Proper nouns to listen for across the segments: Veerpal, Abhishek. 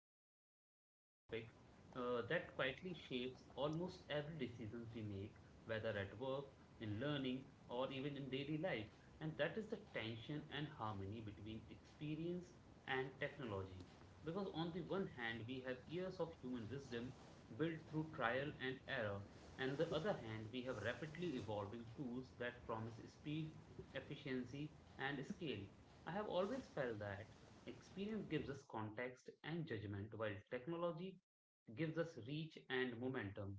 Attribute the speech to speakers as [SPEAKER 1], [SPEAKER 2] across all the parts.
[SPEAKER 1] Today, we are diving in a topic that quietly shapes almost every decision we make, whether at work, in learning, or even in daily life, and that is the tension and harmony between experience and technology. Because, on the one hand, we have years of human wisdom built through trial and error, and the other hand, we have rapidly evolving tools that promise speed, efficiency, and scale. I have always felt that experience gives us context and judgment, while technology gives us reach and momentum.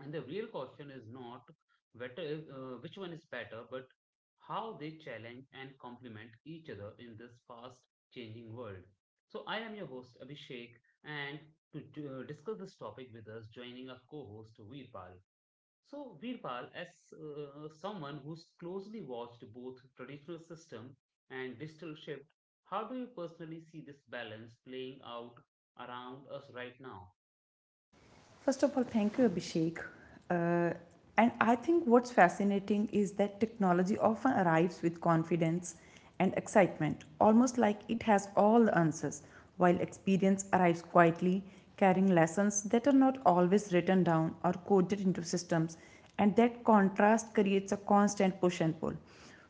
[SPEAKER 1] And the real question is not which one is better, but how they challenge and complement each other in this fast changing world. So, I am your host, Abhishek, and to discuss this topic with us, joining our co host, Veerpal. So, Veerpal, as someone who's closely watched both traditional system and digital shift, how do you personally see this balance playing out around us right now?
[SPEAKER 2] First of all, thank you, Abhishek. Uh, and I think what's fascinating is that technology often arrives with confidence and excitement, almost like it has all the answers, while experience arrives quietly, carrying lessons that are not always written down or coded into systems. And that contrast creates a constant push and pull.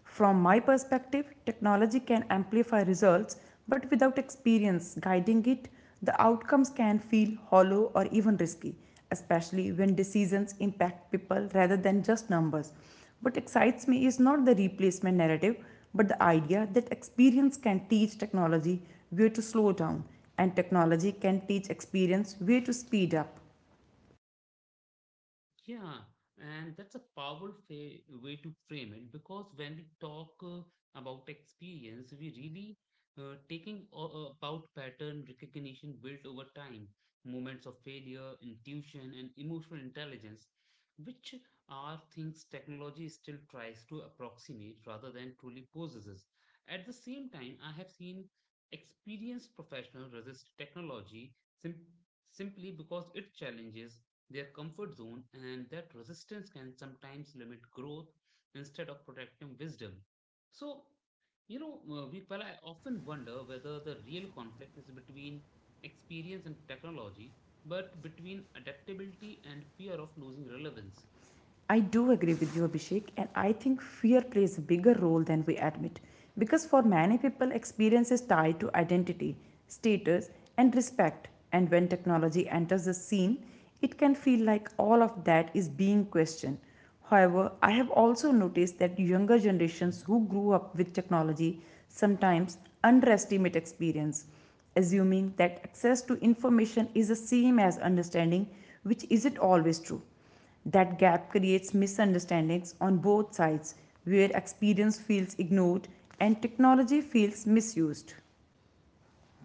[SPEAKER 2] From my perspective, technology can amplify results, but without experience guiding it, the outcomes can feel hollow or even risky, especially when decisions impact people rather than just numbers. What excites me is not the replacement narrative, but the idea that experience can teach technology where to slow down, and technology can teach experience where to speed up.
[SPEAKER 1] Yeah, and that's a powerful way to frame it because when we talk about experience, we really about pattern recognition built over time, moments of failure, intuition, and emotional intelligence, which are things technology still tries to approximate rather than truly possesses. At the same time, I have seen experienced professionals resist technology sim- simply because it challenges their comfort zone, and that resistance can sometimes limit growth instead of protecting wisdom. So, you know, Veerpal, I often wonder whether the real conflict is between experience and technology, but between adaptability and fear of losing relevance.
[SPEAKER 2] I do agree with you, Abhishek, and I think fear plays a bigger role than we admit. Because for many people, experience is tied to identity, status, and respect. And when technology enters the scene, it can feel like all of that is being questioned. However, I have also noticed that younger generations who grew up with technology sometimes underestimate experience, assuming that access to information is the same as understanding, which isn't always true. That gap creates misunderstandings on both sides, where experience feels ignored and technology feels misused.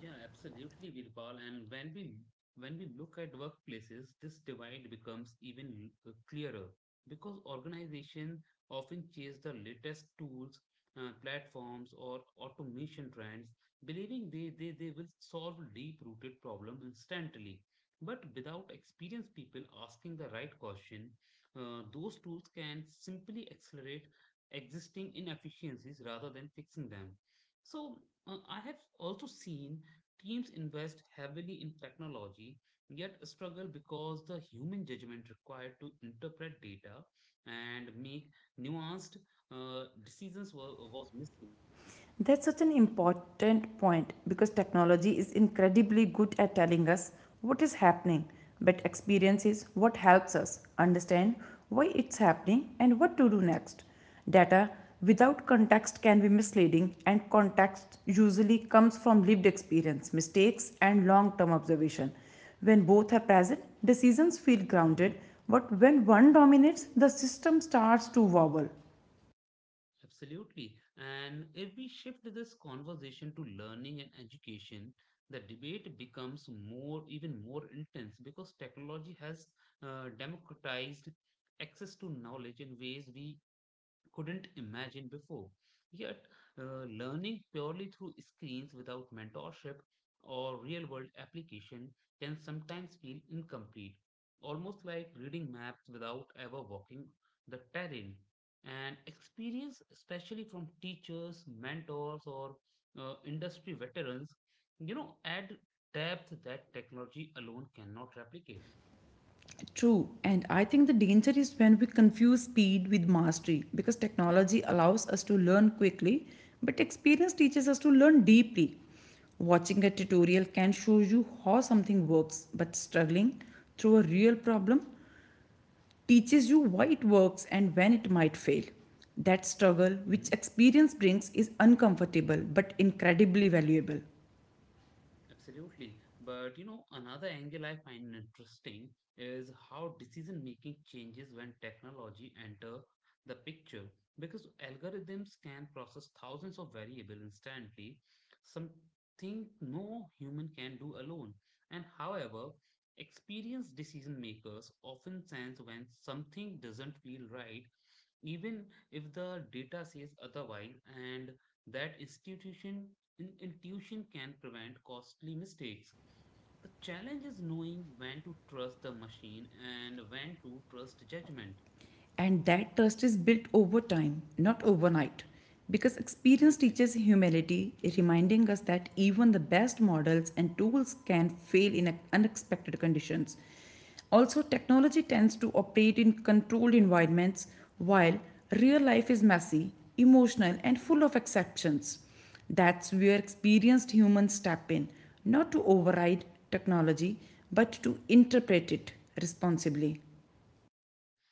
[SPEAKER 1] Yeah, absolutely, Virpal. And when we look at workplaces, this divide becomes even clearer because organizations often chase the latest tools, platforms, or automation trends, believing they will solve deep-rooted problems instantly. But without experienced people asking the right question, those tools can simply accelerate existing inefficiencies rather than fixing them. So, I have also seen teams invest heavily in technology, yet struggle because the human judgment required to interpret data and make nuanced decisions was missing.
[SPEAKER 2] That's such an important point because technology is incredibly good at telling us what is happening, but experience is what helps us understand why it's happening and what to do next. Data without context can be misleading, and context usually comes from lived experience, mistakes, and long term observation. When both are present, decisions feel grounded,
[SPEAKER 1] Mhm.
[SPEAKER 2] but when one dominates, the system starts to wobble.
[SPEAKER 1] Absolutely. And if we shift this conversation to learning and education, the debate becomes even more intense because technology has democratized access to knowledge in ways we couldn't imagine before. Yet, learning purely through screens without mentorship or real world application can sometimes feel incomplete, almost like reading maps without ever walking the terrain. And experience, especially from teachers, mentors, or industry veterans, you know, add depth that technology alone cannot replicate.
[SPEAKER 2] True, and I think the danger is when we confuse speed with mastery because technology allows us to learn quickly, but experience teaches us to learn deeply. Watching a tutorial can show you how something works, but struggling through a real problem teaches you why it works and when it might fail. That struggle, which experience brings, is uncomfortable but incredibly valuable.
[SPEAKER 1] Absolutely. But you know, another angle I find interesting is how decision making changes when technology enter the picture. Because algorithms can process thousands of variables instantly, something no human can do alone. And however, experienced decision makers often sense when something doesn't feel right, even if the data says otherwise, and that institution and intuition can prevent costly mistakes. The challenge is knowing when to trust the machine and when to trust judgment.
[SPEAKER 2] And that trust is built over time, not overnight. Because experience
[SPEAKER 1] Absolutely.
[SPEAKER 2] teaches humility, reminding us that even the best models and tools can fail in unexpected conditions. Also, technology tends to operate in controlled environments, while real life is messy, emotional, and full of exceptions. That's where experienced humans step in, not to override technology, but to interpret it responsibly.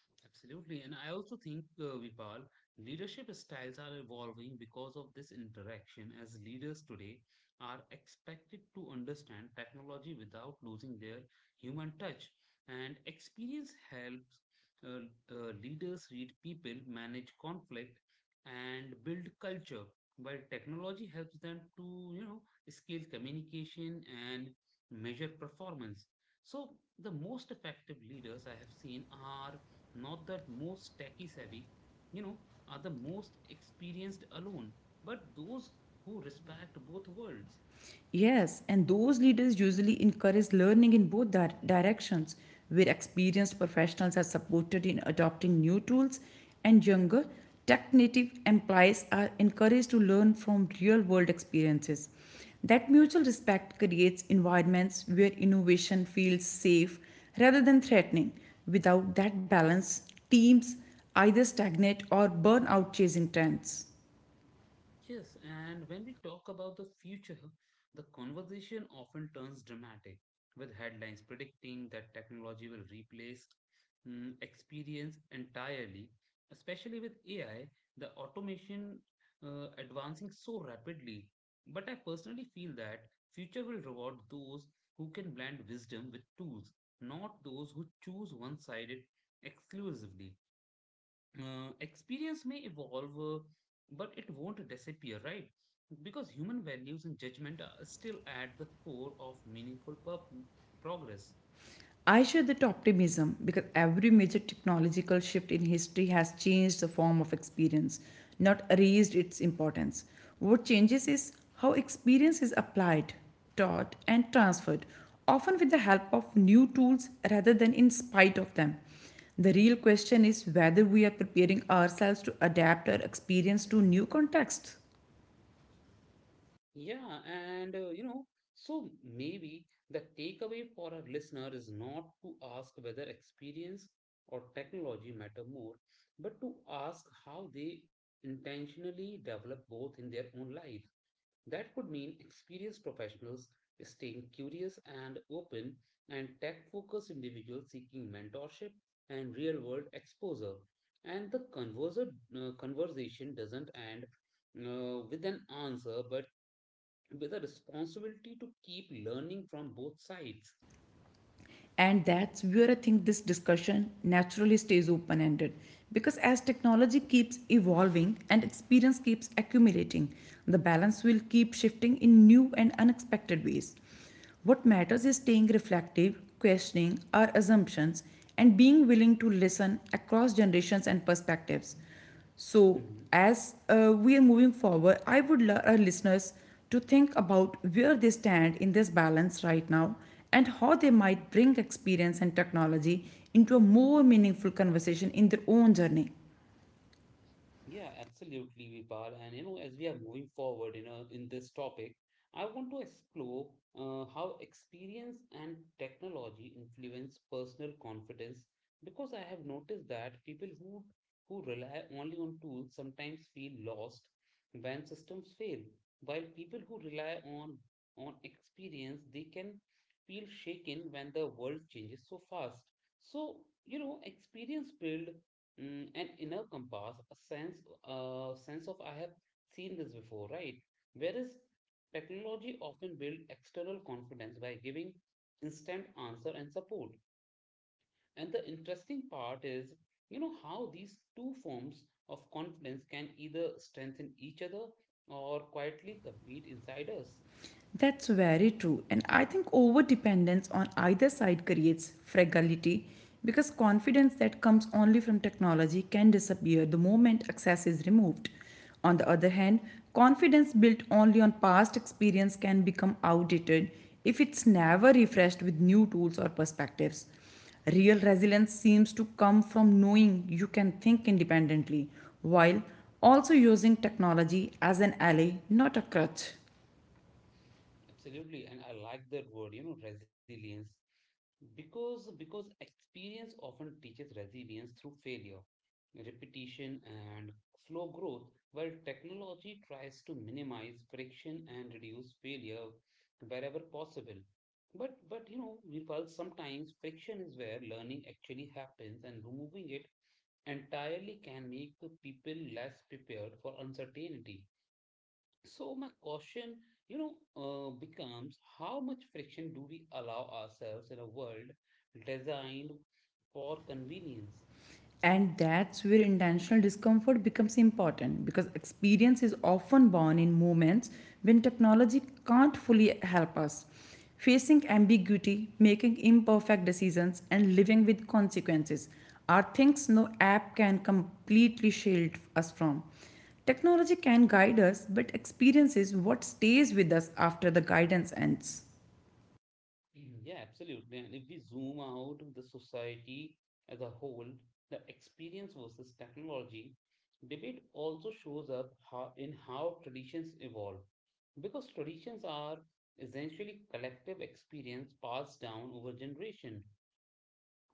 [SPEAKER 1] Absolutely. And I also think, Vipal, leadership styles are evolving because of this interaction, as leaders today are expected to understand technology without losing their human touch. And experience helps leaders read people, manage conflict, and build culture, while technology helps them to, you know, scale communication and measure performance. So, the most effective leaders I have seen are not the most techie savvy, you know, are the most experienced alone, but those who respect both worlds.
[SPEAKER 2] Yes, and those leaders usually encourage learning in both directions, where experienced professionals are supported in adopting new tools, and younger, tech native employees are encouraged to learn from real world experiences. That
[SPEAKER 1] Yeah.
[SPEAKER 2] mutual respect creates environments where innovation feels safe rather than threatening. Without that balance, teams either stagnate or burn out chasing trends.
[SPEAKER 1] Yes, and when we talk about the future, the conversation often turns dramatic, with headlines predicting that technology will replace experience entirely, especially with AI, the automation advancing so rapidly. But I personally feel that future will reward those who can blend wisdom with tools, not those who choose one-sided exclusively experience may evolve, but it won't disappear, right? Because human values and judgment are still at the core of meaningful progress.
[SPEAKER 2] I share that optimism because every major technological shift in history has changed the form of experience, not erased its importance. What changes is how experience is applied, taught, and transferred, often with the help of new tools rather than in spite of them. The real question is whether we are preparing ourselves to adapt our experience to new contexts.
[SPEAKER 1] Yeah, and you know, so maybe the takeaway for our listener is not to ask whether experience or technology matter more, but to ask how they intentionally develop both in their own life. That could mean experienced professionals staying curious and open, and tech focused individuals seeking mentorship and real world exposure. And the conversation doesn't end with an answer, but with a responsibility to keep learning from both sides.
[SPEAKER 2] And that's where I think this discussion naturally stays open ended. Because as technology keeps evolving and experience keeps accumulating, the balance will keep shifting in new and unexpected ways. What matters is staying reflective, questioning our assumptions, and being willing to listen across generations and perspectives. So,
[SPEAKER 1] Mm-hmm.
[SPEAKER 2] as we are moving forward, I would love our listeners to think about where they stand in this balance right now and how they might bring experience and technology into a more meaningful conversation in their own journey.
[SPEAKER 1] Yeah, absolutely, Vipal. And you know, as we are moving forward in this topic, I want to explore how experience and technology influence personal confidence because I have noticed that people who rely only on tools sometimes feel lost when systems fail, while people who rely on experience they can feel shaken when the world changes so fast. So, you know, experience build an inner compass, a sense of I have seen this before, right? Whereas technology often builds external confidence by giving instant answer and support. And the interesting part is, you know, how these two forms of confidence can either strengthen each other or quietly compete inside us.
[SPEAKER 2] That's very true. And I think over dependence on either side creates fragility because confidence that comes only from technology can disappear the moment access is removed. On the other hand, confidence built only on past experience can become outdated if it's never refreshed with new tools or perspectives. Real resilience seems to come from knowing you can think independently while also using technology as an ally, not a crutch.
[SPEAKER 1] Absolutely, and I like that word, you know, resilience. Because experience often teaches resilience through failure, repetition, and slow growth, while technology tries to minimize friction and reduce failure wherever possible. But you know, Virpal, sometimes friction is where learning actually happens, and removing it entirely can make people less prepared for uncertainty. So my question, you know, becomes how much friction do we allow ourselves in a world designed for convenience?
[SPEAKER 2] And that's where intentional discomfort becomes important because experience is often born in moments when technology can't fully help us. Facing ambiguity, making imperfect decisions, and living with consequences are things no app can completely shield us from. Technology can guide us, but experience is what stays with us after the guidance ends.
[SPEAKER 1] Mhm. Yeah, absolutely. And if we zoom out the society as a whole, the experience versus technology debate also shows up in how traditions evolve. Because traditions are essentially collective experience passed down over generation.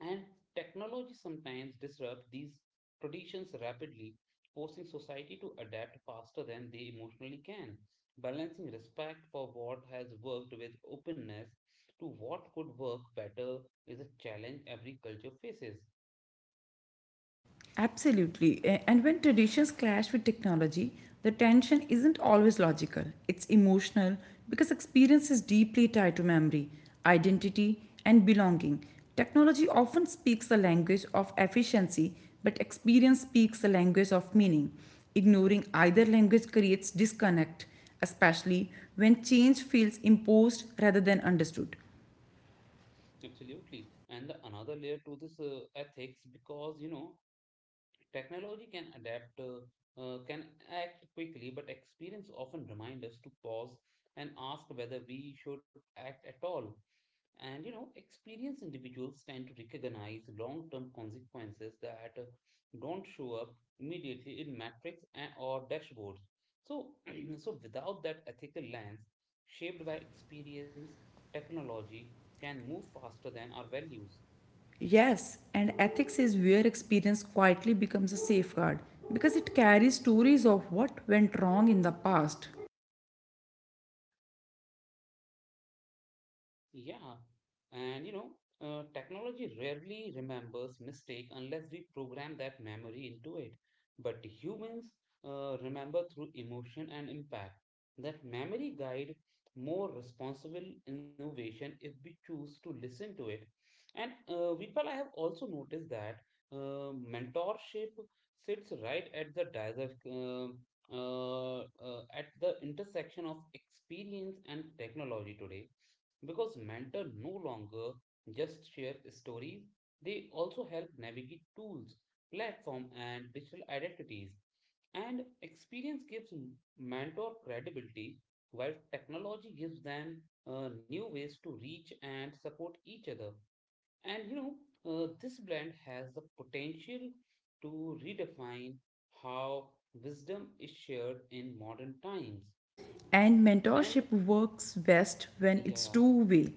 [SPEAKER 1] And technology sometimes disrupts these traditions rapidly, forcing society to adapt faster than they emotionally can. Balancing respect for what has worked with openness to what could work better is a challenge every culture faces.
[SPEAKER 2] Absolutely. And when traditions clash with technology, the tension isn't always logical, it's emotional because experience is deeply tied to memory, identity, and belonging. Technology often speaks the language of efficiency, but experience speaks the language of meaning. Ignoring either language creates disconnect, especially when change feels imposed rather than understood.
[SPEAKER 1] Absolutely. And the another layer to this ethics, because you know, technology can can act quickly, but experience often reminds us to pause and ask whether we should act at all. And you know, experienced individuals tend to recognize long term consequences that don't show up immediately in metrics or dashboards. So, so without that ethical lens shaped by experience, technology can move faster than our values.
[SPEAKER 2] Yes, and ethics is where experience quietly becomes a safeguard because it carries stories of what went wrong in the past.
[SPEAKER 1] Yeah, and you know, technology rarely remembers mistake unless we program that memory into it. But humans remember through emotion and impact. That memory guide more responsible innovation if we choose to listen to it. And Vipal, I have also noticed that mentorship sits right at the at the intersection of experience and technology today because mentor no longer just share stories, they also help navigate tools, platform and digital identities, and experience gives mentor credibility while technology gives them new ways to reach and support each other. And you know, this blend has the potential to redefine how wisdom is shared in modern times.
[SPEAKER 2] And
[SPEAKER 1] And
[SPEAKER 2] mentorship works best when it's
[SPEAKER 1] yeah
[SPEAKER 2] two-way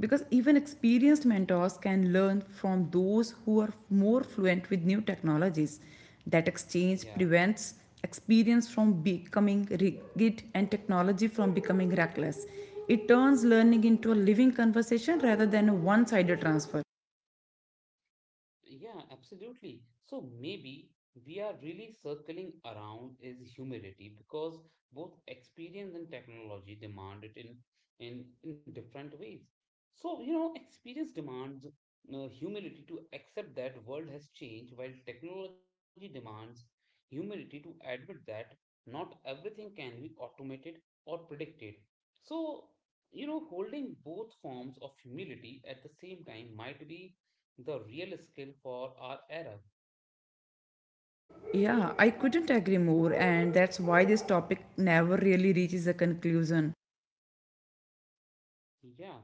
[SPEAKER 2] because even experienced mentors can learn from those who are more fluent with new technologies. That exchange
[SPEAKER 1] yeah
[SPEAKER 2] prevents experience from becoming rigid and technology from becoming reckless. It turns learning into a living conversation rather than a one sided transfer.
[SPEAKER 1] Yeah, absolutely. So maybe we are really circling around is humility because both experience and technology demand it in different ways. So, you know, experience demands humility to accept that world has changed, while technology demands humility to admit that not everything can be automated or predicted. So, you know, holding both forms of humility at the same time might be the real skill for our era.
[SPEAKER 2] Yeah, I couldn't agree more, and that's why this topic never really reaches a conclusion.
[SPEAKER 1] Yeah.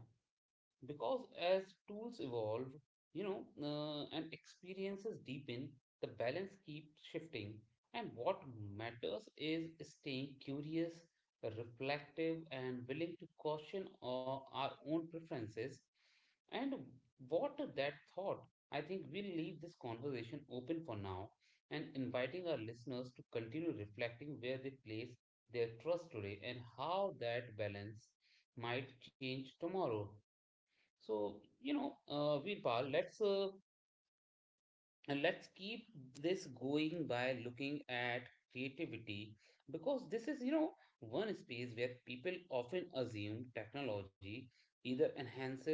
[SPEAKER 1] Because as tools evolve, you know, and experiences deepen, the balance keeps shifting. And what matters is staying curious, reflective, and willing to caution our own preferences. And what that thought, I think we'll leave this conversation open for now and inviting our listeners to continue reflecting where they place their trust today and how that balance might change tomorrow. So, you know, Veerpal, let's keep this going by looking at creativity because this is, you know, one space where people often assume technology either enhances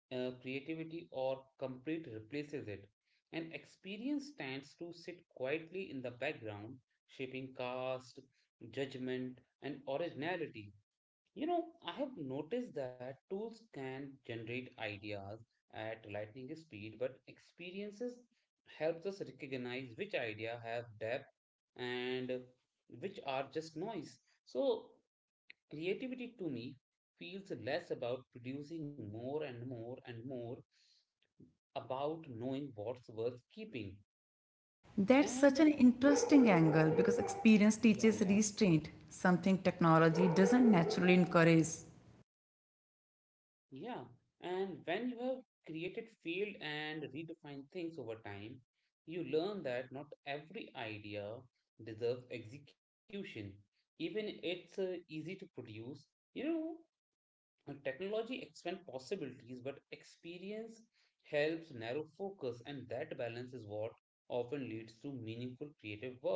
[SPEAKER 1] creativity or completely replaces it. And experience tends to sit quietly in the background, shaping caste, judgment, and originality. You know, I have noticed that tools can generate ideas at lightning speed, but experiences helps us recognize which idea have depth and which are just noise. So creativity to me feels less about producing more and more and more about knowing what's worth keeping.
[SPEAKER 2] That's
[SPEAKER 1] And
[SPEAKER 2] such an interesting angle because experience
[SPEAKER 1] yeah,
[SPEAKER 2] teaches
[SPEAKER 1] yeah.
[SPEAKER 2] restraint, something technology doesn't naturally encourage.
[SPEAKER 1] Yeah, and when you have created field and redefined things over time, you learn that not every idea deserves execution. Even it's easy to produce, you know, technology expand possibilities, but experience helps narrow focus, and that balance is what often leads to meaningful creative work.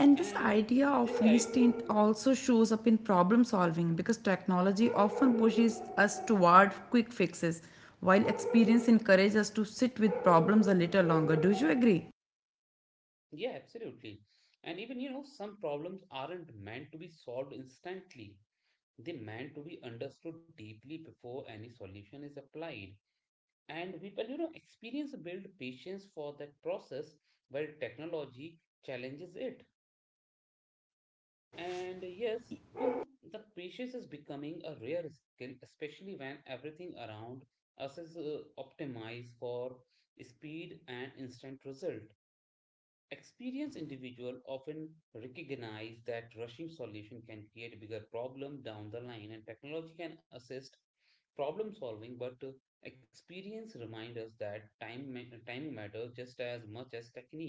[SPEAKER 2] And this
[SPEAKER 1] And
[SPEAKER 2] idea
[SPEAKER 1] this,
[SPEAKER 2] of
[SPEAKER 1] I
[SPEAKER 2] restraint also shows up in problem solving because technology often pushes us toward quick fixes, while experience encourages us to sit with problems a little longer. Do you agree?
[SPEAKER 1] Yeah, absolutely. And even some problems aren't meant to be solved instantly. They meant to be understood deeply before any solution is applied. And people, you know, experience build patience for that process while technology challenges it. And yes, the patience is becoming a rare skill, especially when everything around us is optimized for speed and instant result. Experienced individuals often recognize that rushing solution can create a bigger problem down the line, and technology can assist problem solving, but experience reminds us that time matters just as much as technique.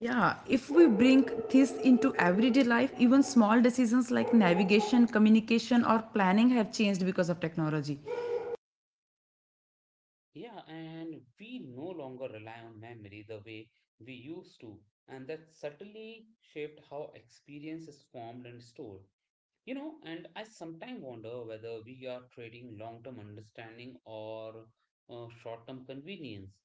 [SPEAKER 2] Yeah, if we bring this into everyday life, even small decisions like navigation, communication, or planning have changed because of technology.
[SPEAKER 1] Yeah, and we no longer rely on memory the way we used to, and that subtly shaped how experience is formed and stored. You know, and I sometimes wonder whether we are trading long term understanding or short term convenience.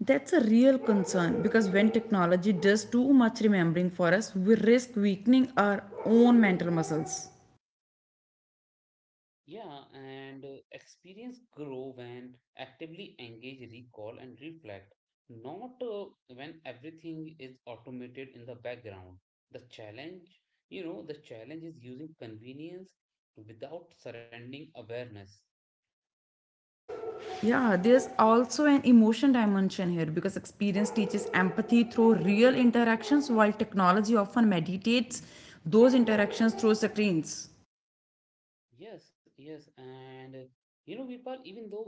[SPEAKER 2] That's a real concern because when technology does too much remembering for us, we risk weakening our own mental muscles.
[SPEAKER 1] Yeah, and experience grow when actively engage, recall, and reflect, not when everything is automated in the background. The challenge, the challenge is using convenience without surrendering awareness.
[SPEAKER 2] Yeah,
[SPEAKER 1] So,
[SPEAKER 2] there's also an emotion dimension here because experience teaches empathy through real interactions, while technology often mediates those interactions through screens.
[SPEAKER 1] yes, yes, and you know, people, even though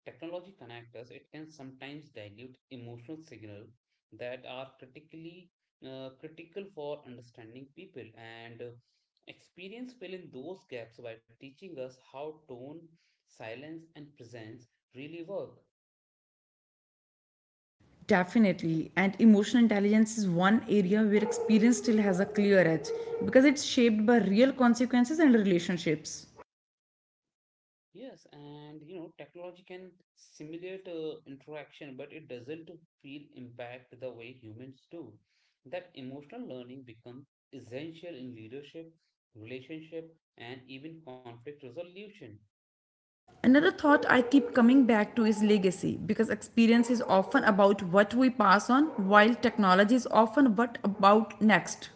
[SPEAKER 1] technology connects us, it can sometimes dilute emotional signal that are critical for understanding people and experience fill in those gaps by teaching us how tone, silence, and presence really work.
[SPEAKER 2] Definitely. And emotional intelligence is one area where experience still has a clear edge because it's shaped by real consequences and relationships.
[SPEAKER 1] Yes, and you know, technology can simulate interaction, but it doesn't feel impact the way humans do. That emotional learning becomes essential in leadership, relationship, and even conflict resolution.
[SPEAKER 2] Another thought I keep coming back to is legacy because experience is often about what we pass on, while technology is often what about next.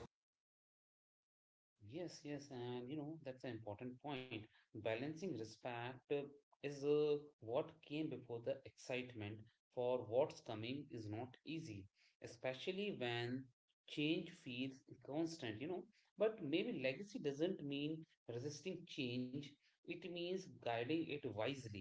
[SPEAKER 1] Yes, yes, and you know, that's an important point. Balancing respect is what came before the excitement for what's coming is not easy, especially when change feels constant, you know. But maybe legacy doesn't mean resisting change, it means guiding it wisely.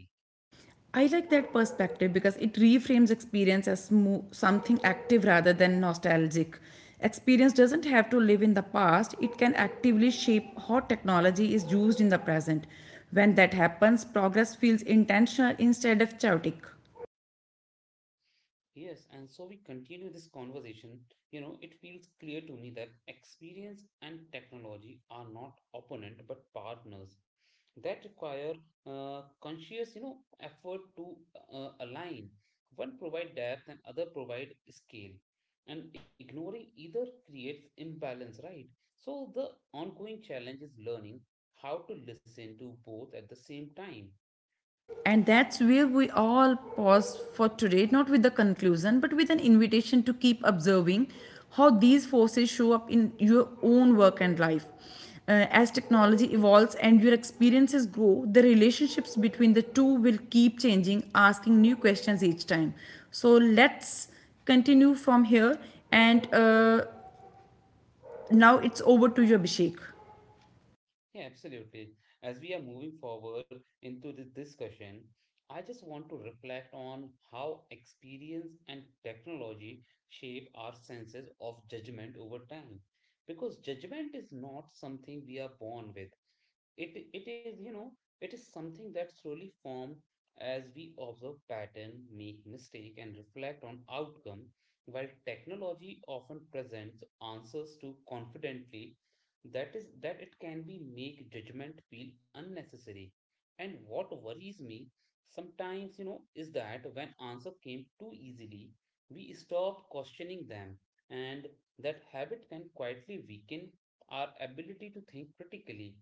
[SPEAKER 2] I like that perspective because it reframes experience as something active rather than nostalgic. Experience doesn't have to live in the past, it can actively shape how technology is used in the present. When that happens, progress feels intentional instead of chaotic.
[SPEAKER 1] Yes, and so we continue this conversation. You know, it feels clear to me that experience and technology are not opponent but partners that require conscious, you know, effort to align. One provide depth and other provide scale. And ignoring either creates imbalance, right? So the ongoing challenge is learning how to listen to both at the same time.
[SPEAKER 2] And that's where we all pause for today, not with the conclusion, but with an invitation to keep observing how these forces show up in your own work and life. As technology evolves and your experiences grow, the relationships between the two will keep changing, asking new questions each time. So let's continue from here. And Now it's over to you, Abhishek.
[SPEAKER 1] Yeah, absolutely. As we are moving forward into the discussion, I just want to reflect on how experience and technology shape our senses of judgment over time. Because judgment is not something we are born with, it is, you know, it is something that slowly form as we observe pattern make mistake and reflect on outcome, while technology often presents answers too confidently, that is that it can be make judgment feel unnecessary. And what worries me sometimes, you know, is that when answer came too easily, we stop questioning them, and that habit can quietly weaken our ability to think critically.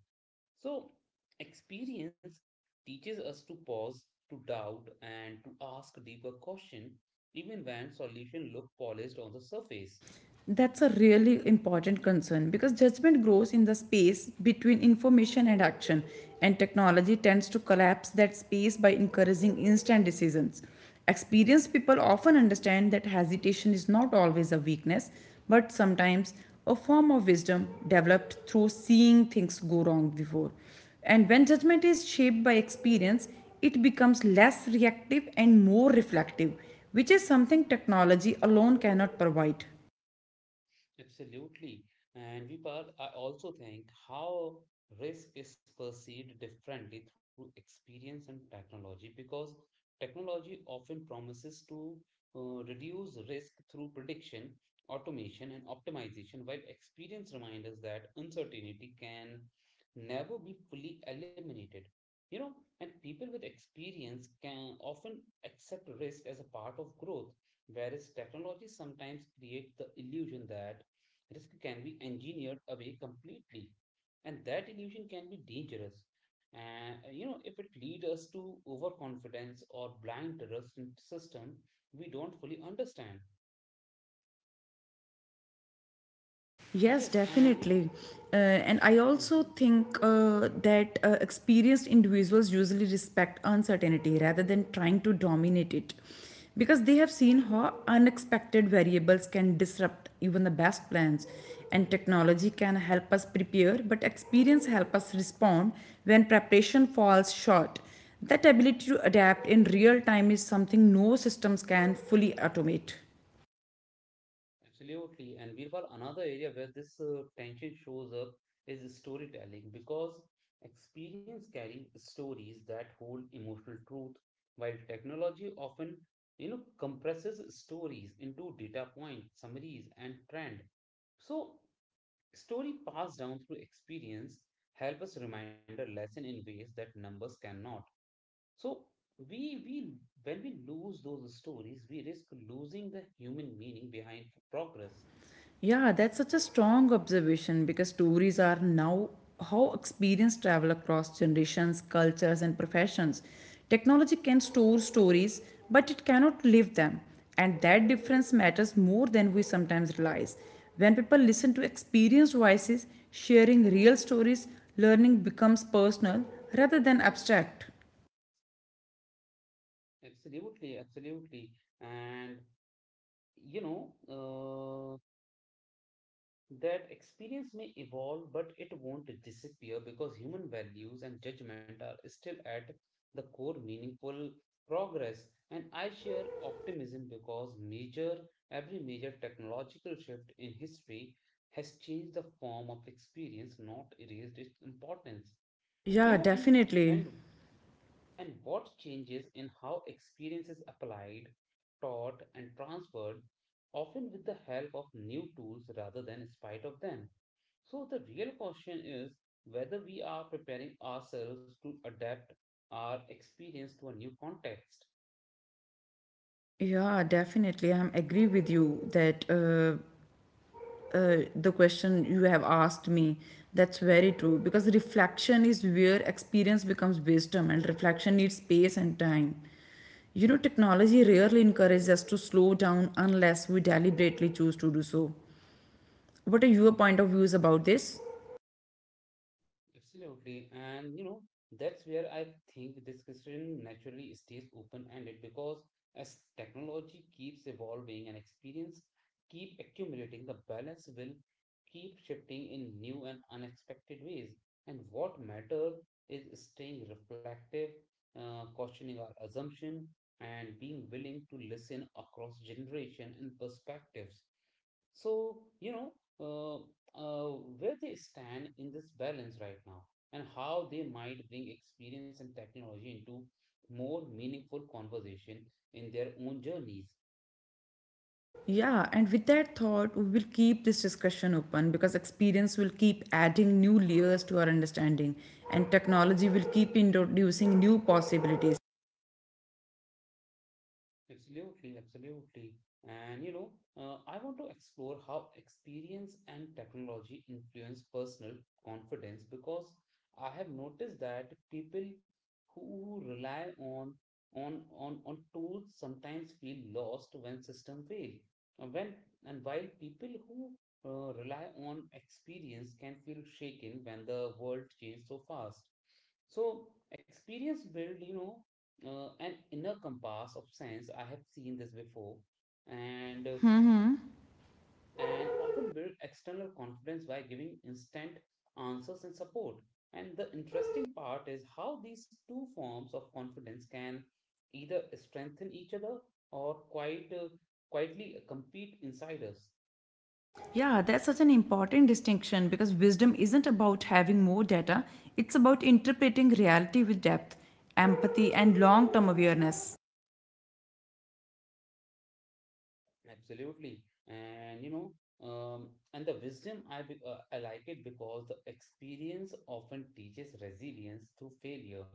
[SPEAKER 1] So, experience teaches us to pause, to doubt, and to ask deeper questions, even when solutions look polished on the surface.
[SPEAKER 2] That's a really important concern because judgment grows in the space between information and action, and technology tends to collapse that space by encouraging instant decisions. Experienced people often understand that hesitation is not always a weakness, but sometimes a form of wisdom developed through seeing things go wrong before. And when judgment is shaped by experience, it becomes less reactive and more reflective, which is something technology alone cannot provide.
[SPEAKER 1] Absolutely. And Vipal, I also think how risk is perceived differently through experience and technology because technology often promises to reduce risk through prediction, automation, and optimization, while experience reminds us that uncertainty can never be fully eliminated. You know, and people with experience can often accept risk as a part of growth, whereas technology sometimes creates the illusion that risk can be engineered away completely. And that illusion can be dangerous. And you know, if it leads us to overconfidence or blind trust in system we don't fully understand.
[SPEAKER 2] Yes,
[SPEAKER 1] Yes, and you know,
[SPEAKER 2] definitely. And I also
[SPEAKER 1] mhm.
[SPEAKER 2] think that experienced individuals usually respect uncertainty rather than trying to dominate it because they have seen how unexpected variables can disrupt even the best plans, and technology can help us prepare but experience help us respond when preparation falls short. That ability to adapt in real time is something no systems can fully automate.
[SPEAKER 1] Absolutely. And Birbal, another area where this tension shows up is storytelling because experience carry stories that hold emotional truth, while technology often, you know, compresses stories into data points, summaries, and trend. So, story passed down through experience help us remember lesson in ways that numbers cannot. So, we when we lose those stories, we risk losing the human meaning behind progress.
[SPEAKER 2] Yeah, that's such a strong observation because stories are now how experienced travel across generations, cultures, and professions. Technology can store stories, but it cannot live them. And that difference matters more than we sometimes realize. When people listen to experienced voices sharing real stories, learning becomes personal rather than abstract.
[SPEAKER 1] Absolutely, absolutely. And you know, uh, that experience may evolve, but it won't disappear because human values and judgment are still at the core meaningful progress. And I share optimism because major every major technological shift in history has changed the form of experience, not erased its importance. You
[SPEAKER 2] Yeah,
[SPEAKER 1] know,
[SPEAKER 2] definitely.
[SPEAKER 1] and what changes in how experience is applied, taught, and transferred, often with the help of new tools rather than in spite of them. So, the real question is whether we are preparing ourselves to adapt our experience to a new context.
[SPEAKER 2] Yeah, definitely. I am agree with you that uh, the question you have asked me. That's very true because reflection is where experience becomes wisdom, and reflection needs space and time. You know, technology rarely encourages us to slow down unless we deliberately choose to do so. What are your point of views about this?
[SPEAKER 1] Absolutely. And you know, that's where I think this question naturally stays open-ended because as technology keeps evolving and experience keep accumulating, the balance will keep shifting in new and unexpected ways. And what matters is staying reflective, questioning our assumption, and being willing to listen across generation and perspectives. So, you know, uh, uh, where they stand in this balance right now and how they might bring experience and technology into more meaningful conversation in their own journeys.
[SPEAKER 2] Yeah, and with that thought, we will keep this discussion open because experience will keep adding new layers to our understanding, and technology will keep introducing new possibilities.
[SPEAKER 1] Absolutely, absolutely. And you know, I want to explore how experience and technology influence personal confidence because I have noticed that people who rely on tools sometimes feel lost when system fail. When and While people who rely on experience can feel shaken when the world changes so fast. So experience build, you know, an inner compass of sense. I have seen this before, and uh, and often build external confidence by giving instant answers and support. And the interesting part is how these two forms of confidence can either strengthen each other or quite quietly compete inside us.
[SPEAKER 2] Yeah, that's such an important distinction because wisdom isn't about having more data, it's about interpreting reality with depth, empathy, and long term awareness.
[SPEAKER 1] Absolutely. And you know, and the wisdom I be- I like it because the experience often teaches resilience through failure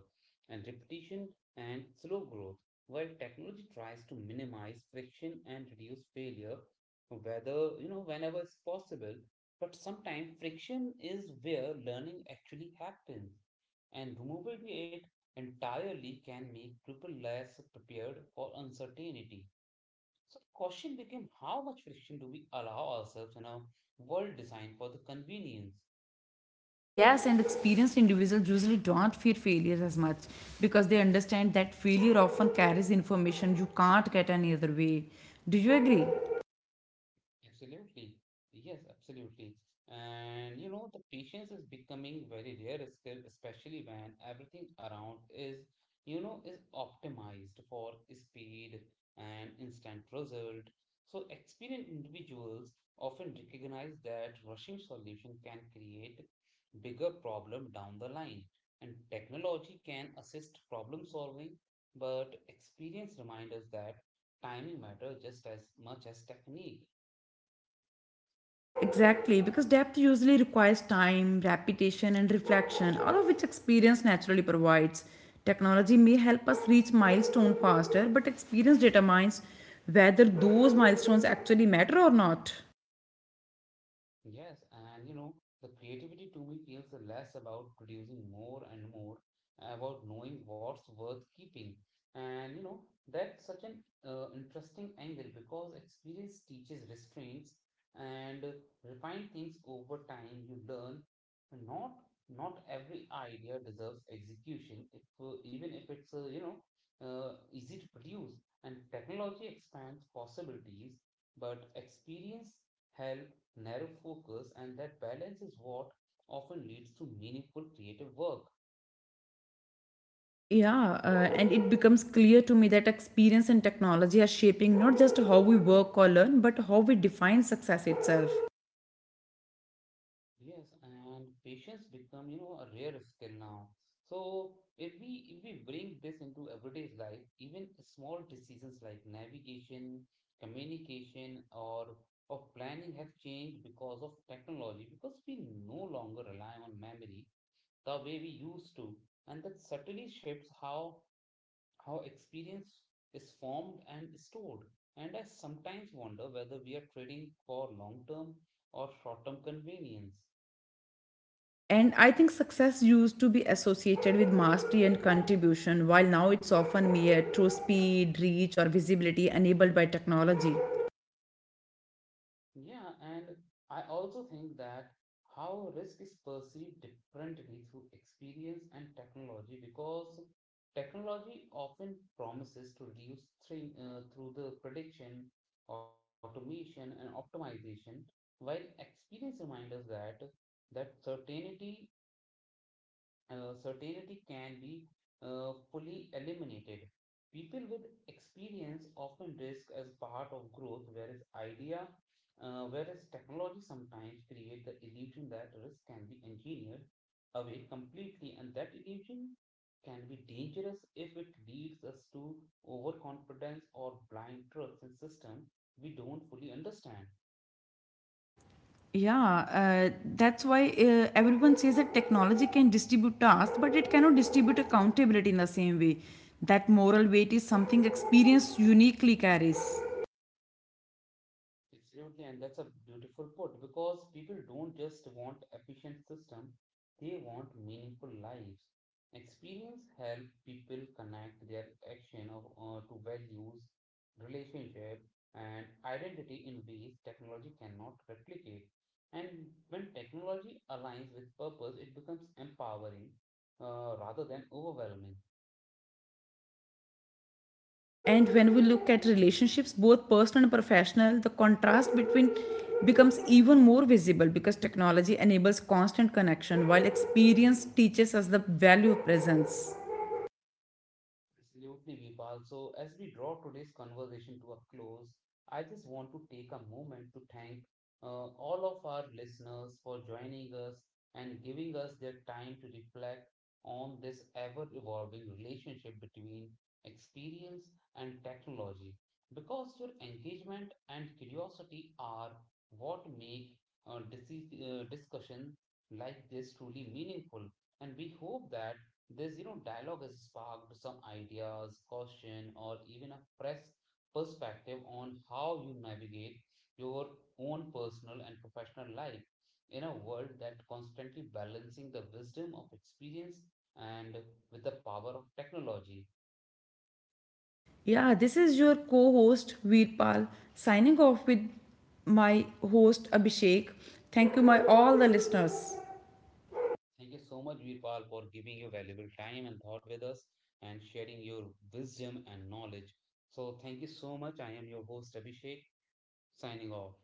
[SPEAKER 1] and repetition and slow growth, while technology tries to minimize friction and reduce failure, whether you know whenever it's possible. But sometimes friction is where learning actually happens, and removing it entirely can make people less prepared for uncertainty. So the question became how much friction do we allow ourselves in a world designed for the convenience?
[SPEAKER 2] Yes, and experienced individuals usually don't fear failures as much because they understand that failure often carries information you can't get any other way. Do you agree?
[SPEAKER 1] Absolutely. Yes, absolutely. And you know, the patience is becoming very rare, skill, especially when everything around is, you know, is optimized for speed and instant result. So experienced individuals often recognize that rushing solution can create bigger problem down the line. And technology can assist problem solving, but experience reminds us that timing matters just as much as technique.
[SPEAKER 2] Exactly, because depth usually requires time, repetition, and reflection, all of which experience naturally provides. Technology may help us reach milestone faster, but experience determines whether those milestones actually matter or not.
[SPEAKER 1] Yes, and you know, the creativity to me feels less about producing more and more, about knowing what's worth keeping. And you know, that's such an interesting angle because experience teaches restraints and refine things over time. You learn not not every idea deserves execution, if even if it's easy to produce. And technology expands possibilities, but experience help narrow focus, and that balance is what often leads to meaningful creative work.
[SPEAKER 2] Yeah, and it becomes clear to me that experience and technology are shaping not just how we work or learn, but how we define success itself.
[SPEAKER 1] Yes, and patience become, you know, a rare skill now. So if we bring this into everyday life, even small decisions like navigation, communication, or planning have changed because of technology, because we no longer rely on memory the way we used to. And that subtly shapes how experience is formed and stored. And I sometimes wonder whether we are trading for long term or short term convenience.
[SPEAKER 2] And I think success used to be associated with mastery and contribution, while now it's often mirrored through speed, reach, or visibility enabled by technology.
[SPEAKER 1] Yeah, and I also think that how risk is perceived differently through experience and technology because technology often promises to reduce through the prediction, automation, and optimization, while experience reminds us that certainty, certainty can be fully eliminated. People with experience often risk as part of growth, whereas technology sometimes create the illusion that risk can be engineered away completely, and that illusion can be dangerous if it leads us to overconfidence or blind trust in systems we don't fully understand.
[SPEAKER 2] Yeah, that's why everyone says that technology can distribute tasks, but it cannot distribute accountability in the same way. That moral weight is something experience uniquely carries.
[SPEAKER 1] Absolutely, and that's a beautiful put because people don't just want efficient system, they want meaningful lives. Experience help people connect their action to values, relationship, and identity in ways technology cannot replicate. And when technology aligns with purpose, it becomes empowering rather than overwhelming.
[SPEAKER 2] And when we look at relationships both personal and professional, the contrast between becomes even more visible because technology enables constant connection while experience teaches us the value of presence.
[SPEAKER 1] Absolutely, Vipal. So, as we draw today's conversation to a close, I just want to take a moment to thank all of our listeners for joining us and giving us their time to reflect on this ever evolving relationship between experience and technology. Because your engagement and curiosity are what make discussion like this truly meaningful. And we hope that this, you know, dialogue has sparked some ideas, caution, or even a fresh perspective on how you navigate your own personal and professional life in a world that constantly balancing the wisdom of experience and with the power of technology.
[SPEAKER 2] Yeah, this is your co-host Veerpal, signing off with my host Abhishek. Thank you my all the listeners.
[SPEAKER 1] Thank you so much, Virpal, for giving your valuable time and thought with us and sharing your wisdom and knowledge. So, thank you so much. I am your host, Abhishek, signing off.